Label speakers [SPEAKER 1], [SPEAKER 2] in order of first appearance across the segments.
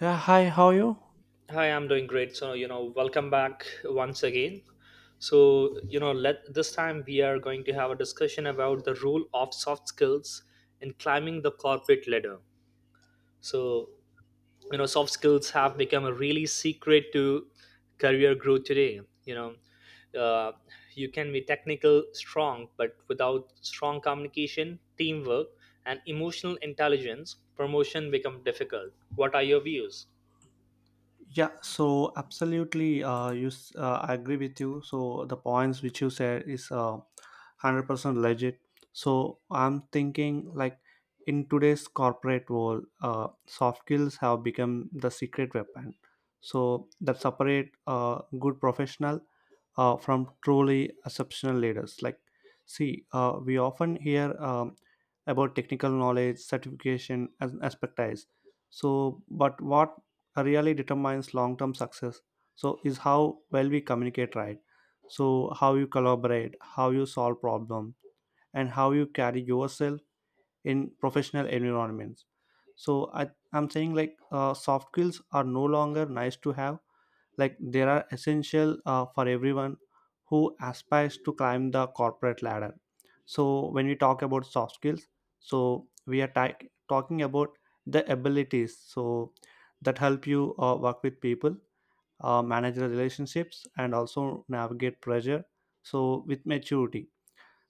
[SPEAKER 1] Yeah, hi, how are you?
[SPEAKER 2] Hi, I'm doing great. Welcome back once again. Let this time we are going to have a discussion about the role of soft skills in climbing the corporate ladder. So, Soft skills have become a really secret to career growth today. You can be technical strong, but without strong communication, teamwork, and emotional intelligence, promotion become difficult. What are your views?
[SPEAKER 1] Yeah, so absolutely, I agree with you. So the points which you said is 100% legit. So I'm thinking, like, in today's corporate world, soft skills have become the secret weapon, so that separate good professional from truly exceptional leaders. Like, see, we often hear about technical knowledge, certification, and expertise. So, but what really determines long term success? So, is how well we communicate, right? So, how you collaborate, how you solve problems, and how you carry yourself in professional environments. So, I'm saying, like, soft skills are no longer nice to have, like they are essential, for everyone who aspires to climb the corporate ladder. So when we talk about soft skills, so we are talking about the abilities, so that help you, work with people, manage the relationships, and also navigate pressure, so with maturity.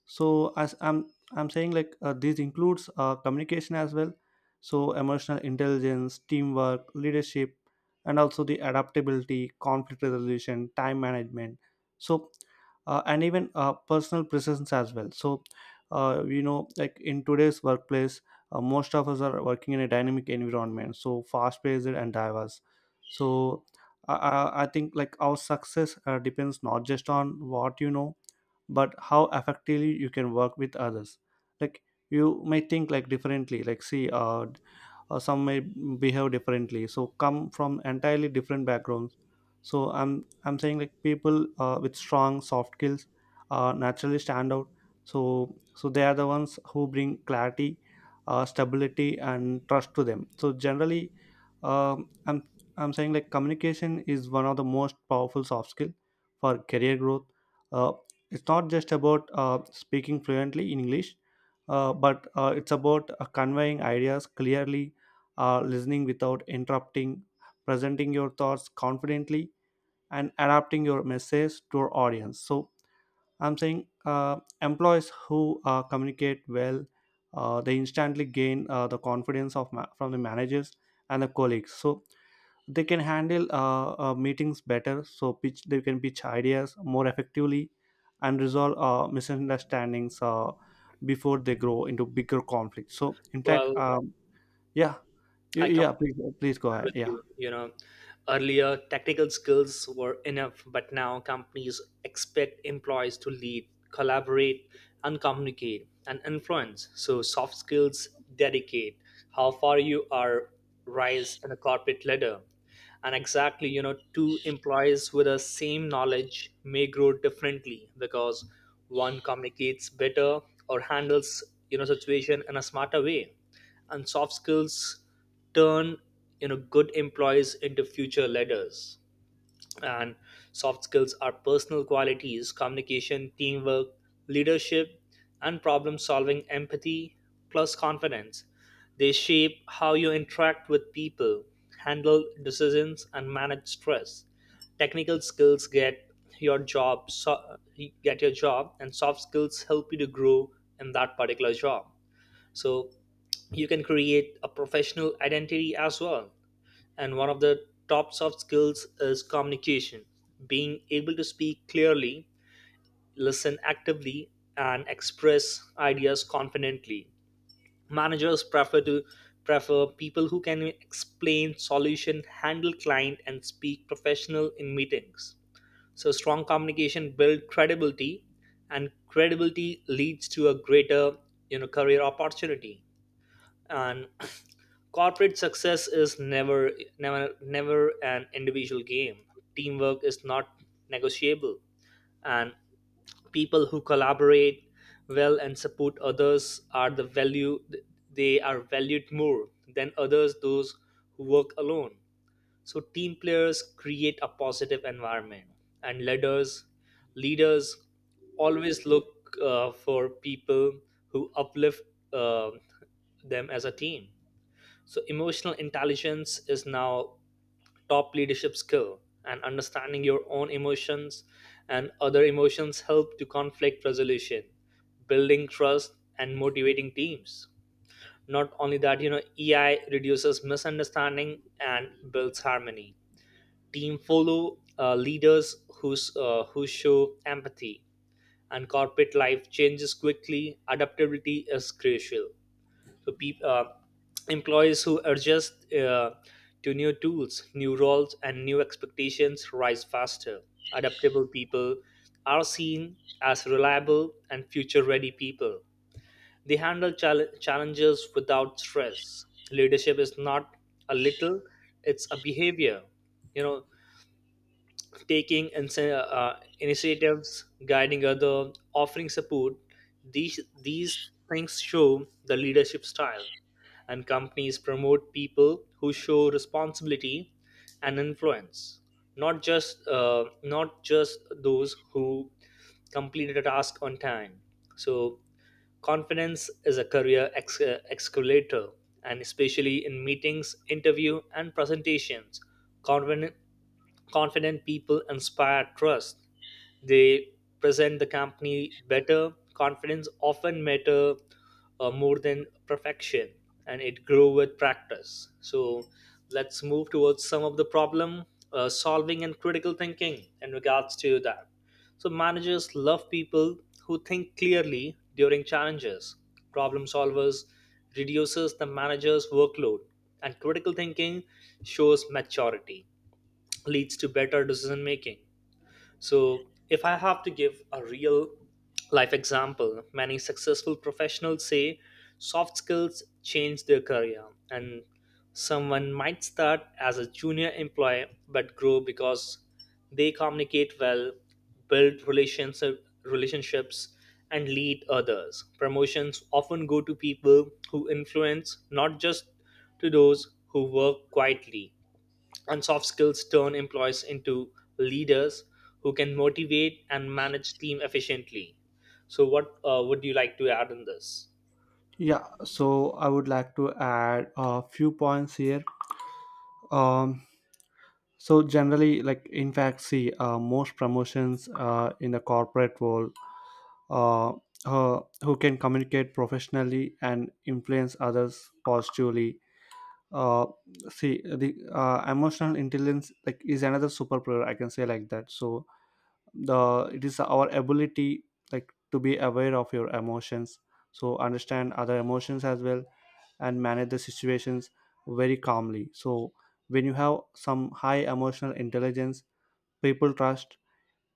[SPEAKER 1] So, as I'm saying, like, this includes, communication as well, so emotional intelligence, teamwork, leadership, and also the adaptability, conflict resolution, time management. So, and even, personal presence as well. So, like in today's workplace, most of us are working in a dynamic environment, so fast paced and diverse. So, I think, like, our success, depends not just on what you know, but how effectively you can work with others. Like, you may think, like, differently, like, see, some may behave differently, so come from entirely different backgrounds. So, I'm saying, like, people, with strong soft skills, naturally stand out, so they are the ones who bring clarity, stability, and trust to them, so generally, um, I'm I'm saying, like, communication is one of the most powerful soft skill for career growth. Uh, it's not just about, speaking fluently in English, but, it's about, conveying ideas clearly, listening without interrupting, presenting your thoughts confidently, and adapting your message to our audience. So, I'm saying, employees who, communicate well, they instantly gain, the confidence of, from the managers and the colleagues. So they can handle, meetings better, so pitch they can pitch ideas more effectively, and resolve, misunderstandings, before they grow into bigger conflicts, so in fact.
[SPEAKER 2] Well,
[SPEAKER 1] Yeah,
[SPEAKER 2] I come.
[SPEAKER 1] yeah, please, please go ahead,
[SPEAKER 2] With
[SPEAKER 1] yeah,
[SPEAKER 2] you. You know, earlier technical skills were enough, but now companies expect employees to lead, collaborate, and communicate and influence. So soft skills dedicate how far you are rise in a corporate ladder. And exactly, you know, two employees with the same knowledge may grow differently because one communicates better or handles, you know, situation in a smarter way, and soft skills turn, you know, good employees into future leaders. And soft skills are personal qualities: communication, teamwork, leadership, and problem solving, empathy plus confidence. They shape how you interact with people, handle decisions, and manage stress. Technical skills get your job, so, get your job, and soft skills help you to grow in that particular job, so you can create a professional identity as well. And one of the top soft skills is communication: being able to speak clearly, listen actively, and express ideas confidently. Managers prefer people who can explain solution, handle client, and speak professional in meetings. So strong communication build credibility, and credibility leads to a greater, you know, career opportunity. And corporate success is never, never an individual game. Teamwork is not negotiable, and people who collaborate well and support others are the value. They are valued more than others, those who work alone. So team players create a positive environment, and leaders, leaders always look for people who uplift uh, them as a team. So, emotional intelligence is now top leadership skill, and understanding your own emotions and other emotions help to conflict resolution, building trust, and motivating teams. Not only that, you know, EI reduces misunderstanding and builds harmony. Team follow leaders who show empathy, and corporate life changes quickly. Adaptability is crucial. So, peop employees who adjust to new tools, new roles, and new expectations rise faster. Adaptable people are seen as reliable and future ready people. They handle challenges without stress. Leadership is not a little, it's a behavior. You know, taking initiatives, guiding other, offering support. These things show the leadership style, and companies promote people who show responsibility and influence, not just those who completed a task on time. So confidence is a career escalator, and especially in meetings, interview, and presentations, confident, confident people inspire trust. They present the company better. Confidence often matter more than perfection, and it grow with practice. So let's move towards some of the problem solving and critical thinking in regards to that. So, managers love people who think clearly during challenges. Problem solvers reduces the manager's workload, and critical thinking shows maturity, leads to better decision making. So, if I have to give a real life example, many successful professionals say soft skills change their career, and someone might start as a junior employee but grow because they communicate well, build relationships, and lead others. Promotions often go to people who influence, not just to those who work quietly, and soft skills turn employees into leaders who can motivate and manage team efficiently. So what would you like to add in this?
[SPEAKER 1] yeah. So I would like to add a few points here. um, so generally, like, in fact, see, most promotions, in the corporate world, uh, who can communicate professionally and influence others positively. uh See, the, emotional intelligence, like, is another superpower, I can say like that. So the it is our ability, like, to be aware of your emotions, so understand other emotions as well, and manage the situations very calmly. So when you have some high emotional intelligence, people trust,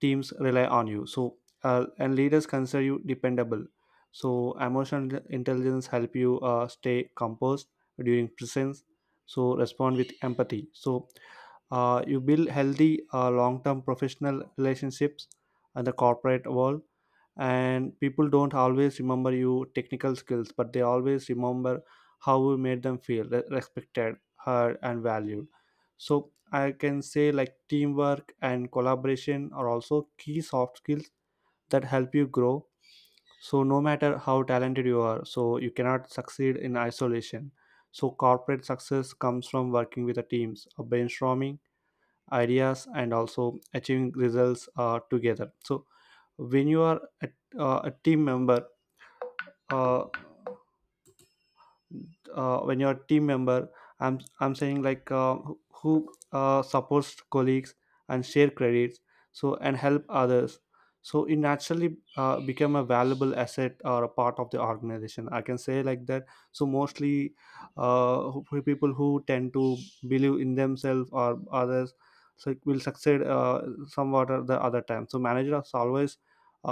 [SPEAKER 1] teams rely on you. So, and leaders consider you dependable. So emotional intelligence help you, stay composed during presence, so respond with empathy. So, you build healthy, long-term professional relationships in the corporate world. And people don't always remember you technical skills, but they always remember how you made them feel, respected, heard, and valued. So I can say, like, teamwork and collaboration are also key soft skills that help you grow. So no matter how talented you are, so you cannot succeed in isolation. So corporate success comes from working with the teams, brainstorming ideas, and also achieving results, together. So when you are a team member, uh, uh, when you're a team member I'm saying, like, who, supports colleagues, and share credits, so and help others, so it naturally, become a valuable asset or a part of the organization, I can say like that. So mostly, people who tend to believe in themselves or others, so it will succeed, somewhat or the other time. So managers always,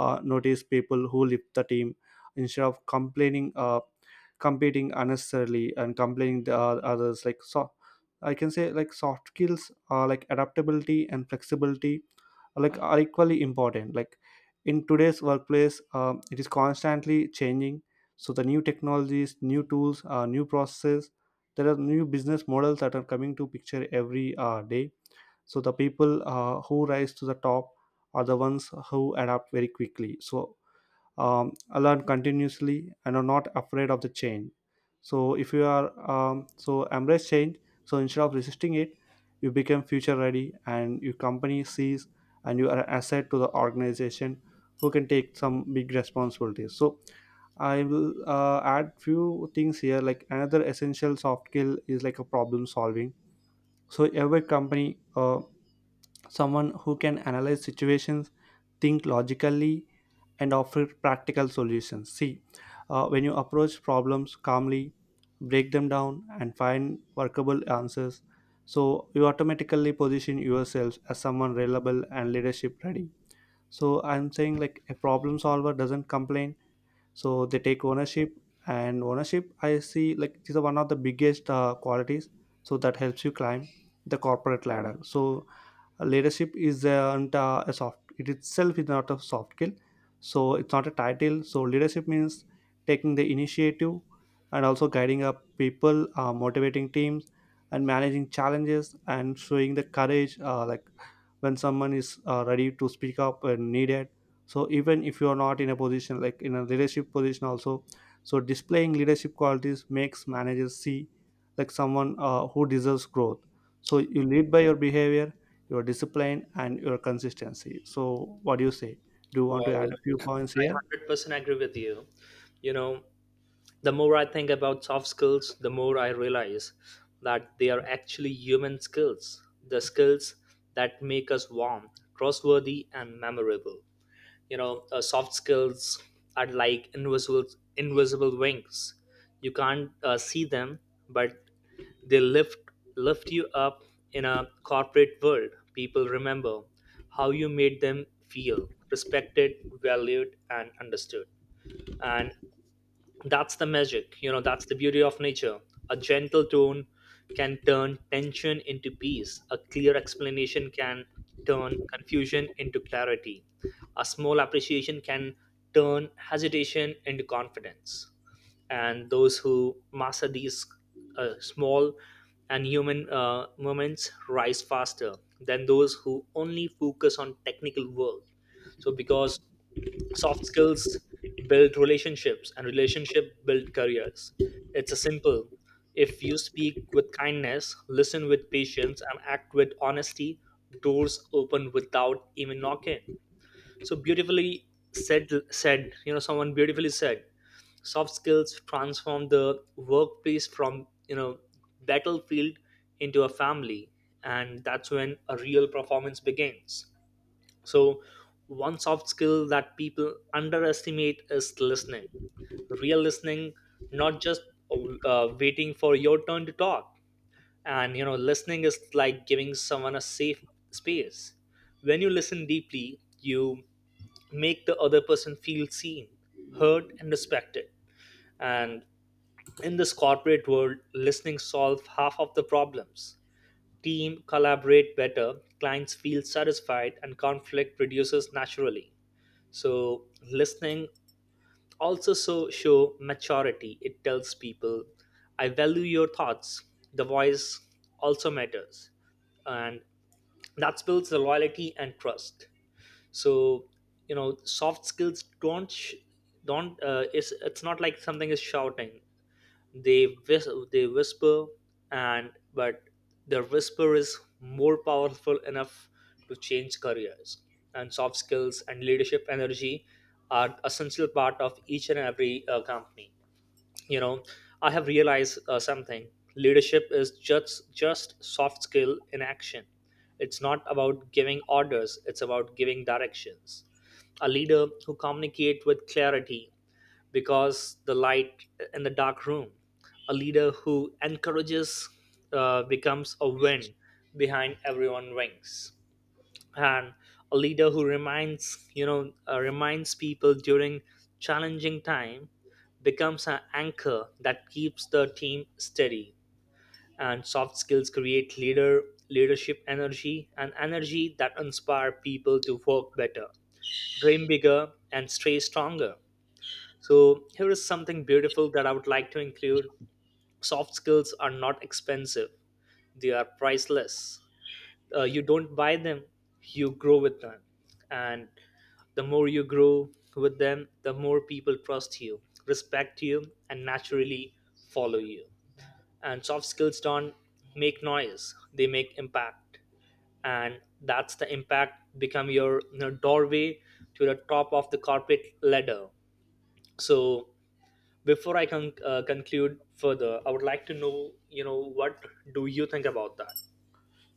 [SPEAKER 1] notice people who lift the team, instead of complaining, competing unnecessarily, and complaining the others, like. So I can say, like, soft skills are, like, adaptability and flexibility, are equally important, like in today's workplace. It is constantly changing, so the new technologies, new tools, new processes. There are new business models that are coming to picture every, day. So the people, who rise to the top are the ones who adapt very quickly, so, learn continuously, and are not afraid of the change. So if you are, so embrace change, so instead of resisting it, you become future ready, and your company sees, and you are an asset to the organization, who can take some big responsibilities. So I will, add few things here, like another essential soft skill is, like, a problem solving. So every company, someone who can analyze situations, think logically, and offer practical solutions. See, when you approach problems calmly, break them down, and find workable answers, so you automatically position yourself as someone reliable and leadership ready. So I'm saying, like, a problem solver doesn't complain, so they take ownership. And ownership, I see, like, this is one of the biggest, qualities, so that helps you climb the corporate ladder. So leadership is not, a soft it itself is not a soft skill, so it's not a title. So leadership means taking the initiative, and also guiding up people, motivating teams, and managing challenges, and showing the courage, like when someone is, ready to speak up when needed. So even if you are not in a position, like in a leadership position also, so displaying leadership qualities makes managers see, like, someone, who deserves growth. So you lead by your behavior, your discipline, and your consistency. So what do you say? Do you want to
[SPEAKER 2] Well,
[SPEAKER 1] add a few
[SPEAKER 2] I
[SPEAKER 1] points here?
[SPEAKER 2] 100% agree with you. You know, the more I think about soft skills, the more I realize that they are actually human skills, the skills that make us warm, trustworthy, and memorable. Soft skills are like invisible, invisible wings. You can't see them, but they lift you up. In a corporate world, people remember how you made them feel respected, valued, and understood. And that's the magic, you know, that's the beauty of nature. A gentle tone can turn tension into peace, a clear explanation can turn confusion into clarity, a small appreciation can turn hesitation into confidence. And those who master these small and human moments rise faster than those who only focus on technical work. So, because soft skills build relationships and relationship build careers, it's a simple: if you speak with kindness, listen with patience, and act with honesty, doors open without even knocking. So beautifully said, you know, someone beautifully said soft skills transform the workplace from, you know, battlefield into a family, and that's when a real performance begins. So, one soft skill that people underestimate is listening. Real listening, not just waiting for your turn to talk. And you know, listening is like giving someone a safe space. When you listen deeply, you make the other person feel seen, heard, and respected. And in this corporate world, listening solves half of the problems. Team collaborate better, clients feel satisfied, and conflict reduces naturally. So listening also so show maturity. It tells people I value your thoughts, the voice also matters, and that builds the loyalty and trust. So, you know, soft skills don't sh- don't it's not like something is shouting. They they whisper, and but their whisper is more powerful enough to change careers. And soft skills and leadership energy are essential part of each and every company. You know, I have realized something. Leadership is just soft skill in action. It's not about giving orders. It's about giving directions. A leader who communicate with clarity because the light in the dark room. A leader who encourages becomes a wind behind everyone's wings, and a leader who reminds you know reminds people during challenging time becomes an anchor that keeps the team steady. And soft skills create leadership energy and energy that inspire people to work better, dream bigger, and stay stronger. So, here is something beautiful that I would like to include. Soft skills are not expensive, they are priceless. You don't buy them, you grow with them. And the more you grow with them, the more people trust you, respect you, and naturally follow you. And soft skills don't make noise, they make impact. And that's the impact become your, you know, doorway to the top of the corporate ladder. So, before I can conclude further, I would like to know, you know, what do you think about that?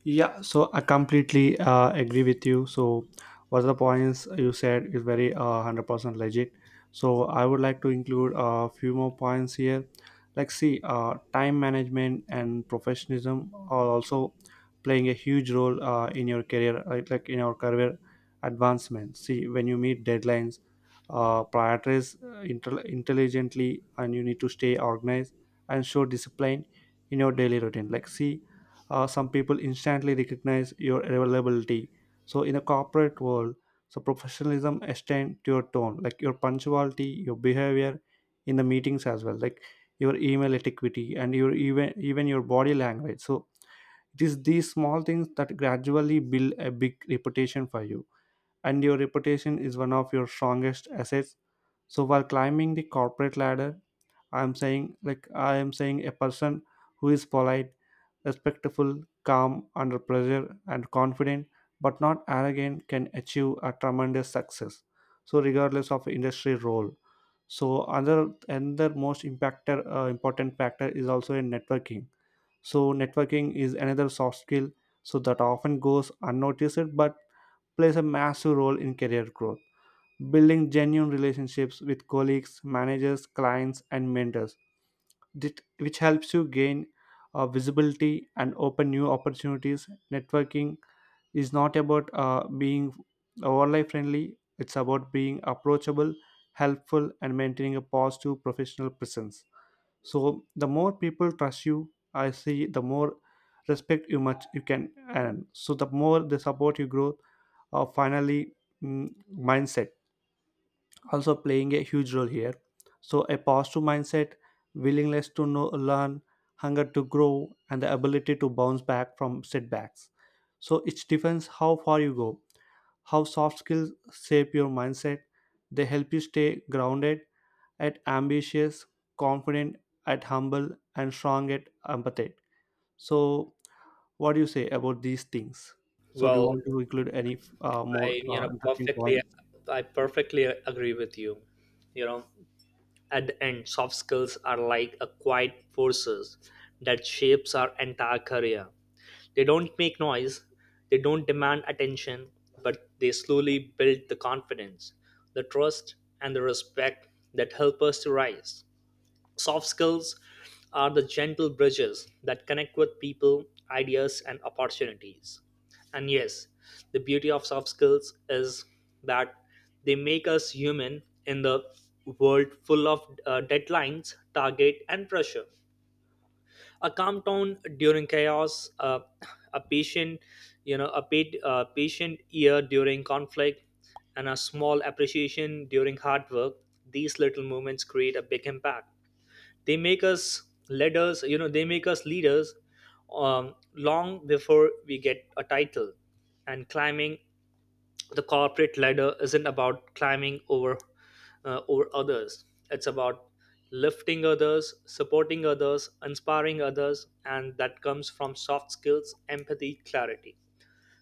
[SPEAKER 1] Yeah, so I completely, agree with you. So, what the points you said is very, 100% legit. So, I would like to include a few more points here. Like, see, time management and professionalism are also playing a huge role, in your career, right? Like in your career advancement. See, when you meet deadlines, prioritize, intelligently, and you need to stay organized and show discipline in your daily routine. Like, see, some people instantly recognize your availability. So in a corporate world, so professionalism extend to your tone, like your punctuality, your behavior in the meetings as well, like your email etiquette, and your even your body language. So it is these small things that gradually build a big reputation for you. And your reputation is one of your strongest assets. So while climbing the corporate ladder, I am saying a person who is polite, respectful, calm under pressure, and confident but not arrogant, can achieve a tremendous success, so regardless of industry role. So another most impactor important factor is also in networking. So networking is another soft skill, so that often goes unnoticed, but plays a massive role in career growth, building genuine relationships with colleagues, managers, clients, and mentors that, which helps you gain, visibility, and open new opportunities. Networking is not about, being overly friendly, it's about being approachable, helpful, and maintaining a positive professional presence. So, the more people trust you, I see the more respect you much you can earn. So, the more they support you grow. Finally, mm, mindset also playing a huge role here. So, a positive mindset, willingness to know, learn, hunger to grow, and the ability to bounce back from setbacks. So, it depends how far you go, how soft skills shape your mindset. They help you stay grounded, at ambitious, confident, at humble, and strong at empathetic. So, what do you say about these things? So, do you
[SPEAKER 2] Well,
[SPEAKER 1] want to include any, more,
[SPEAKER 2] I, you know,
[SPEAKER 1] interesting
[SPEAKER 2] perfectly,
[SPEAKER 1] points?
[SPEAKER 2] I perfectly agree with you. You know, at the end, soft skills are like a quiet forces that shapes our entire career. They don't make noise, they don't demand attention, but they slowly build the confidence, the trust, and the respect that help us to rise. Soft skills are the gentle bridges that connect with people, ideas, and opportunities. And yes, the beauty of soft skills is that they make us human in the world full of deadlines, target, and pressure. A calm tone during chaos, a patient, a patient ear during conflict, and a small appreciation during hard work. These little moments create a big impact. They make us leaders, you know, they make us leaders, long before we get a title. And climbing the corporate ladder isn't about climbing over others, it's about lifting others, supporting others, inspiring others. And that comes from soft skills: empathy, clarity,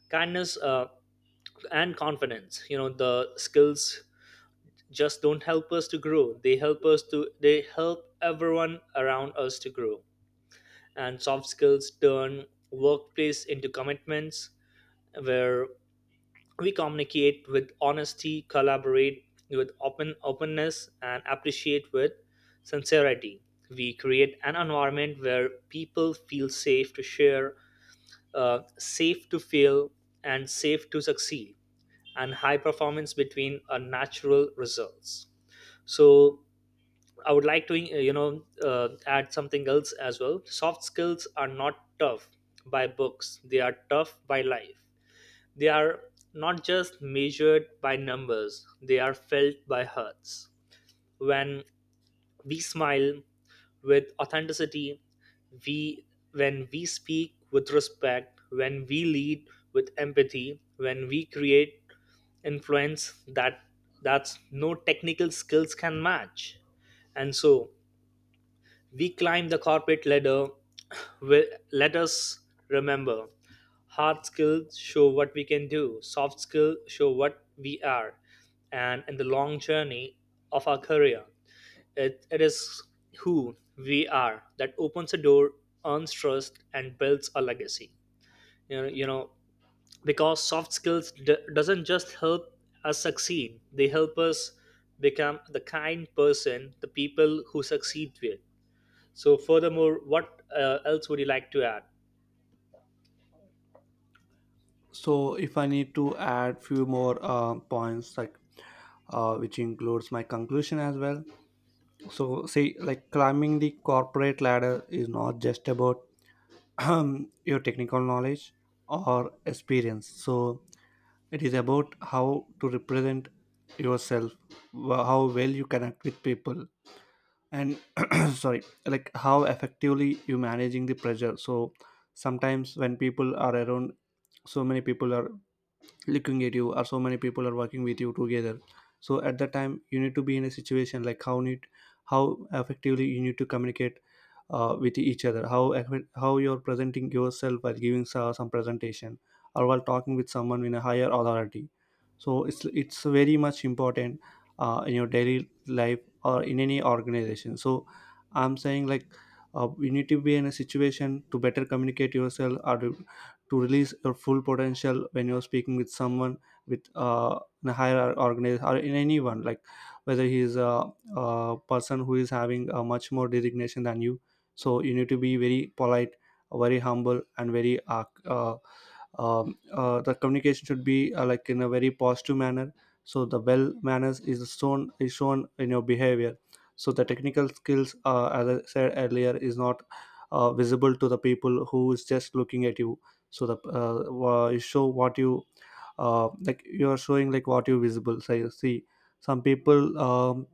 [SPEAKER 2] kindness, and confidence. You know, the skills just don't help us to grow, they help everyone around us to grow. And soft skills turn workplace into commitments where we communicate with honesty, collaborate with openness, and appreciate with sincerity. We create an environment where people feel safe to share, safe to fail, and safe to succeed, and high performance between our natural results. So I would like to add something else as well. Soft skills are not tough by books; they are tough by life. They are not just measured by numbers; they are felt by hearts. When we smile with authenticity, we when we speak with respect, when we lead with empathy, when we create influence, that's no technical skills can match. And so we climb the corporate ladder. Well, let us remember, hard skills show what we can do, soft skills show what we are. And in the long journey of our career, it is who we are that opens a door, earns trust, and builds a legacy. You know, because soft skills doesn't just help us succeed, they help us become the kind person the people who succeed with. So, furthermore, what else would you like to add?
[SPEAKER 1] So if I need to add few more points, like which includes my conclusion as well. So see, like, climbing the corporate ladder is not just about your technical knowledge or experience. So it is about how to represent yourself, how well you connect with people and sorry, like how effectively you managing the pressure. So sometimes when people are around, so many people are looking at you, or so many people are working with you together, so at that time you need to be in a situation like how need, how effectively you need to communicate with each other, how you're presenting yourself while giving some presentation or while talking with someone in a higher authority. So it's very much important in your daily life or in any organization. So I'm saying, like, you need to be in a situation to better communicate yourself, or to release your full potential when you're speaking with someone with a higher organization, or in anyone, like whether he is a person who is having a much more designation than you. So you need to be very polite, very humble, and very the communication should be like in a very positive manner. So the well manners is shown in your behavior. So the technical skills, as I said earlier, is not visible to the people who is just looking at you. So the you show what you like, you are showing like what you visible. So you see some people,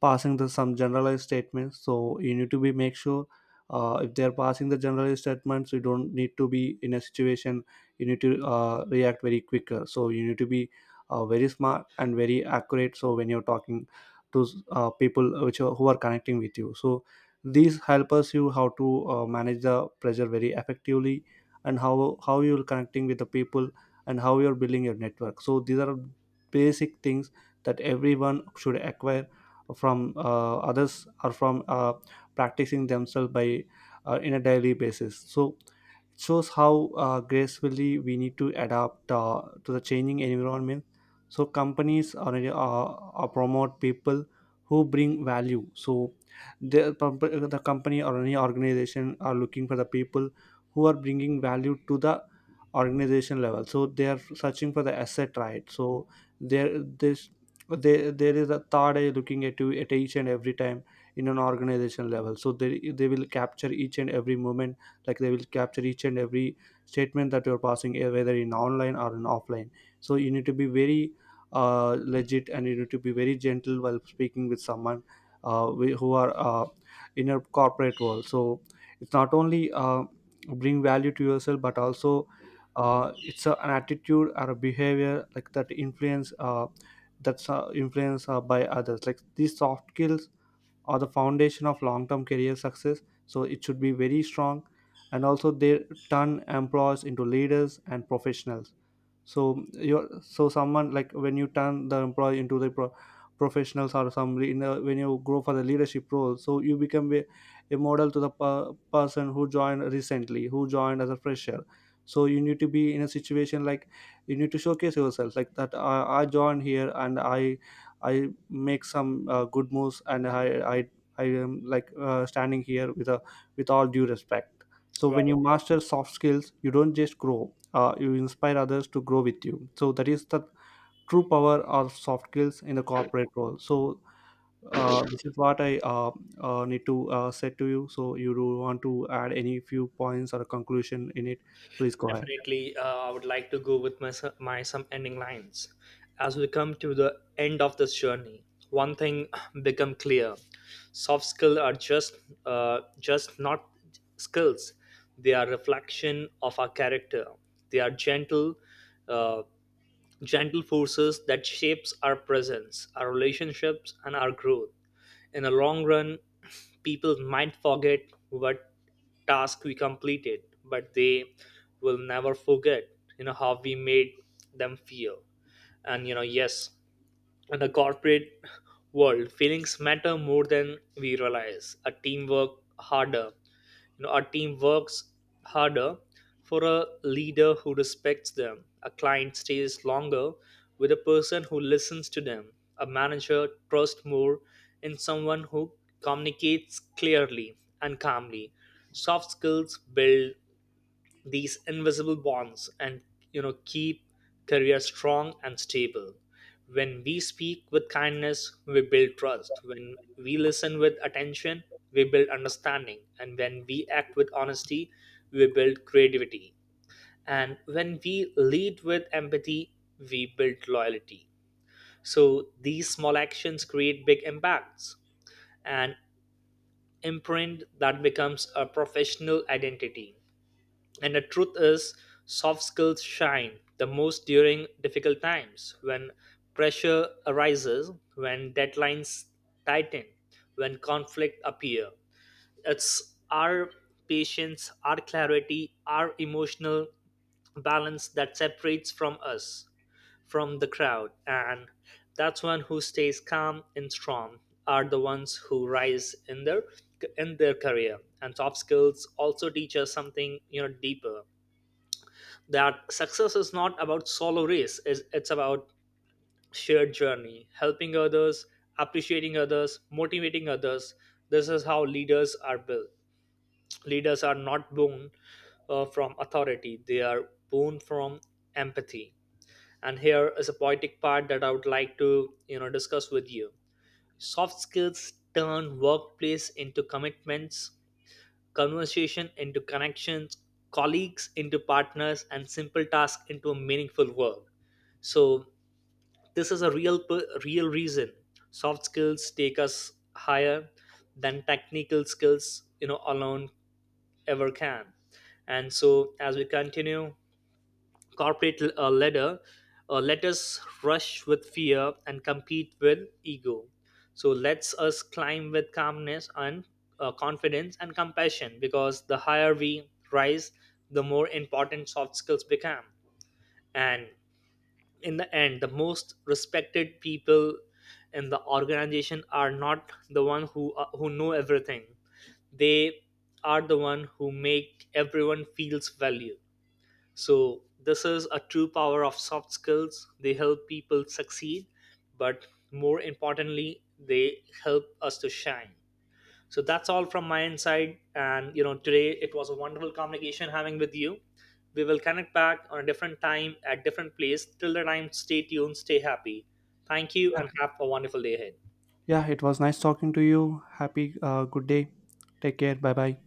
[SPEAKER 1] passing the some generalized statements, so you need to be make sure, if they are passing the generalized statements, you don't need to be in a situation. You need to react very quicker. So you need to be very smart and very accurate. So when you're talking to people who are connecting with you, so these help us you how to manage the pressure very effectively, and how you're connecting with the people, and how you're building your network. So these are basic things that everyone should acquire from others, or from practicing themselves by in a daily basis. So it shows how gracefully we need to adapt to the changing environment. So companies are promote people who bring value. So the, the company or any organization are looking for the people who are bringing value to the organization level. So they are searching for the asset, right? So there this there there is a third eye looking at you at each and every time in an organization level. So they will capture each and every moment, like they will capture each and every statement that you're passing, whether in online or in offline. So you need to be very legit, and you need to be very gentle while speaking with someone who are in a corporate world. So it's not only bring value to yourself, but also it's an attitude or a behavior like that influenced by others. Like these soft skills or the foundation of long-term career success, so it should be very strong. And also they turn employees into leaders and professionals. So you're so someone, like when you turn the employee into the professionals, or in a, when you grow for the leadership role, so you become a model to the person who joined recently, who joined as a fresher. So you need to be in a situation like, you need to showcase yourself like that, I joined here and I make some good moves, and I am like standing here with a with all due respect. So
[SPEAKER 2] Well,
[SPEAKER 1] when you master soft skills, you don't just grow, you inspire others to grow with you. So that is the true power of soft skills in the corporate role. So this is what I need to say to you. So you do want to add any few points or a conclusion in it? Please go ahead.
[SPEAKER 2] definitely, I would like to go with my my some ending lines. As we come to the end of this journey, one thing become clear: soft skills are just not skills. They are reflection of our character. They are gentle. Uh, Gentle forces that shapes our presence, our relationships, and our growth. In the long run, people might forget what task we completed, but they will never forget, you know, how we made them feel. And you know, yes, in the corporate world, feelings matter more than we realize. A team work harder. You know, our team works harder for a leader who respects them, a client stays longer with a person who listens to them. A manager trusts more in someone who communicates clearly and calmly. Soft skills build these invisible bonds and, you know, keep career strong and stable. When we speak with kindness, we build trust. When we listen with attention, we build understanding. And when we act with honesty, we build creativity, and when we lead with empathy, we build loyalty. So these small actions create big impacts and imprint that becomes a professional identity. And the truth is, soft skills shine the most during difficult times when pressure arises, when deadlines tighten, when conflict appear. It's our patience, our clarity, our emotional balance that separates from us from the crowd, and that's one who stays calm and strong are the ones who rise in their career. And soft skills also teach us something, you know, deeper, that success is not about solo race; it's about shared journey, helping others, appreciating others, motivating others. This is how leaders are built. Leaders are not born from authority; they are born from empathy. And here is a poetic part that I would like to, you know, discuss with you. Soft skills turn workplace into commitments, conversation into connections, colleagues into partners, and simple tasks into a meaningful work. So this is a real real reason soft skills take us higher than technical skills, you know, alone ever can. And so as we continue corporate ladder, let us rush with fear and compete with ego. So let's us climb with calmness and confidence and compassion, because the higher we rise, the more important soft skills become. And in the end, the most respected people in the organization are not the one who know everything. They are the one who make everyone feels valued. So, this is a true power of soft skills. They help people succeed, but more importantly, they help us to shine. So, that's all from my inside. And, you know, today it was a wonderful communication having with you. We will connect back on a different time at different place. Till the time, stay tuned, stay happy. Thank you,
[SPEAKER 1] Yeah.
[SPEAKER 2] and have a wonderful day ahead.
[SPEAKER 1] Yeah, it was nice talking to you. Happy, good day. Take care, bye bye.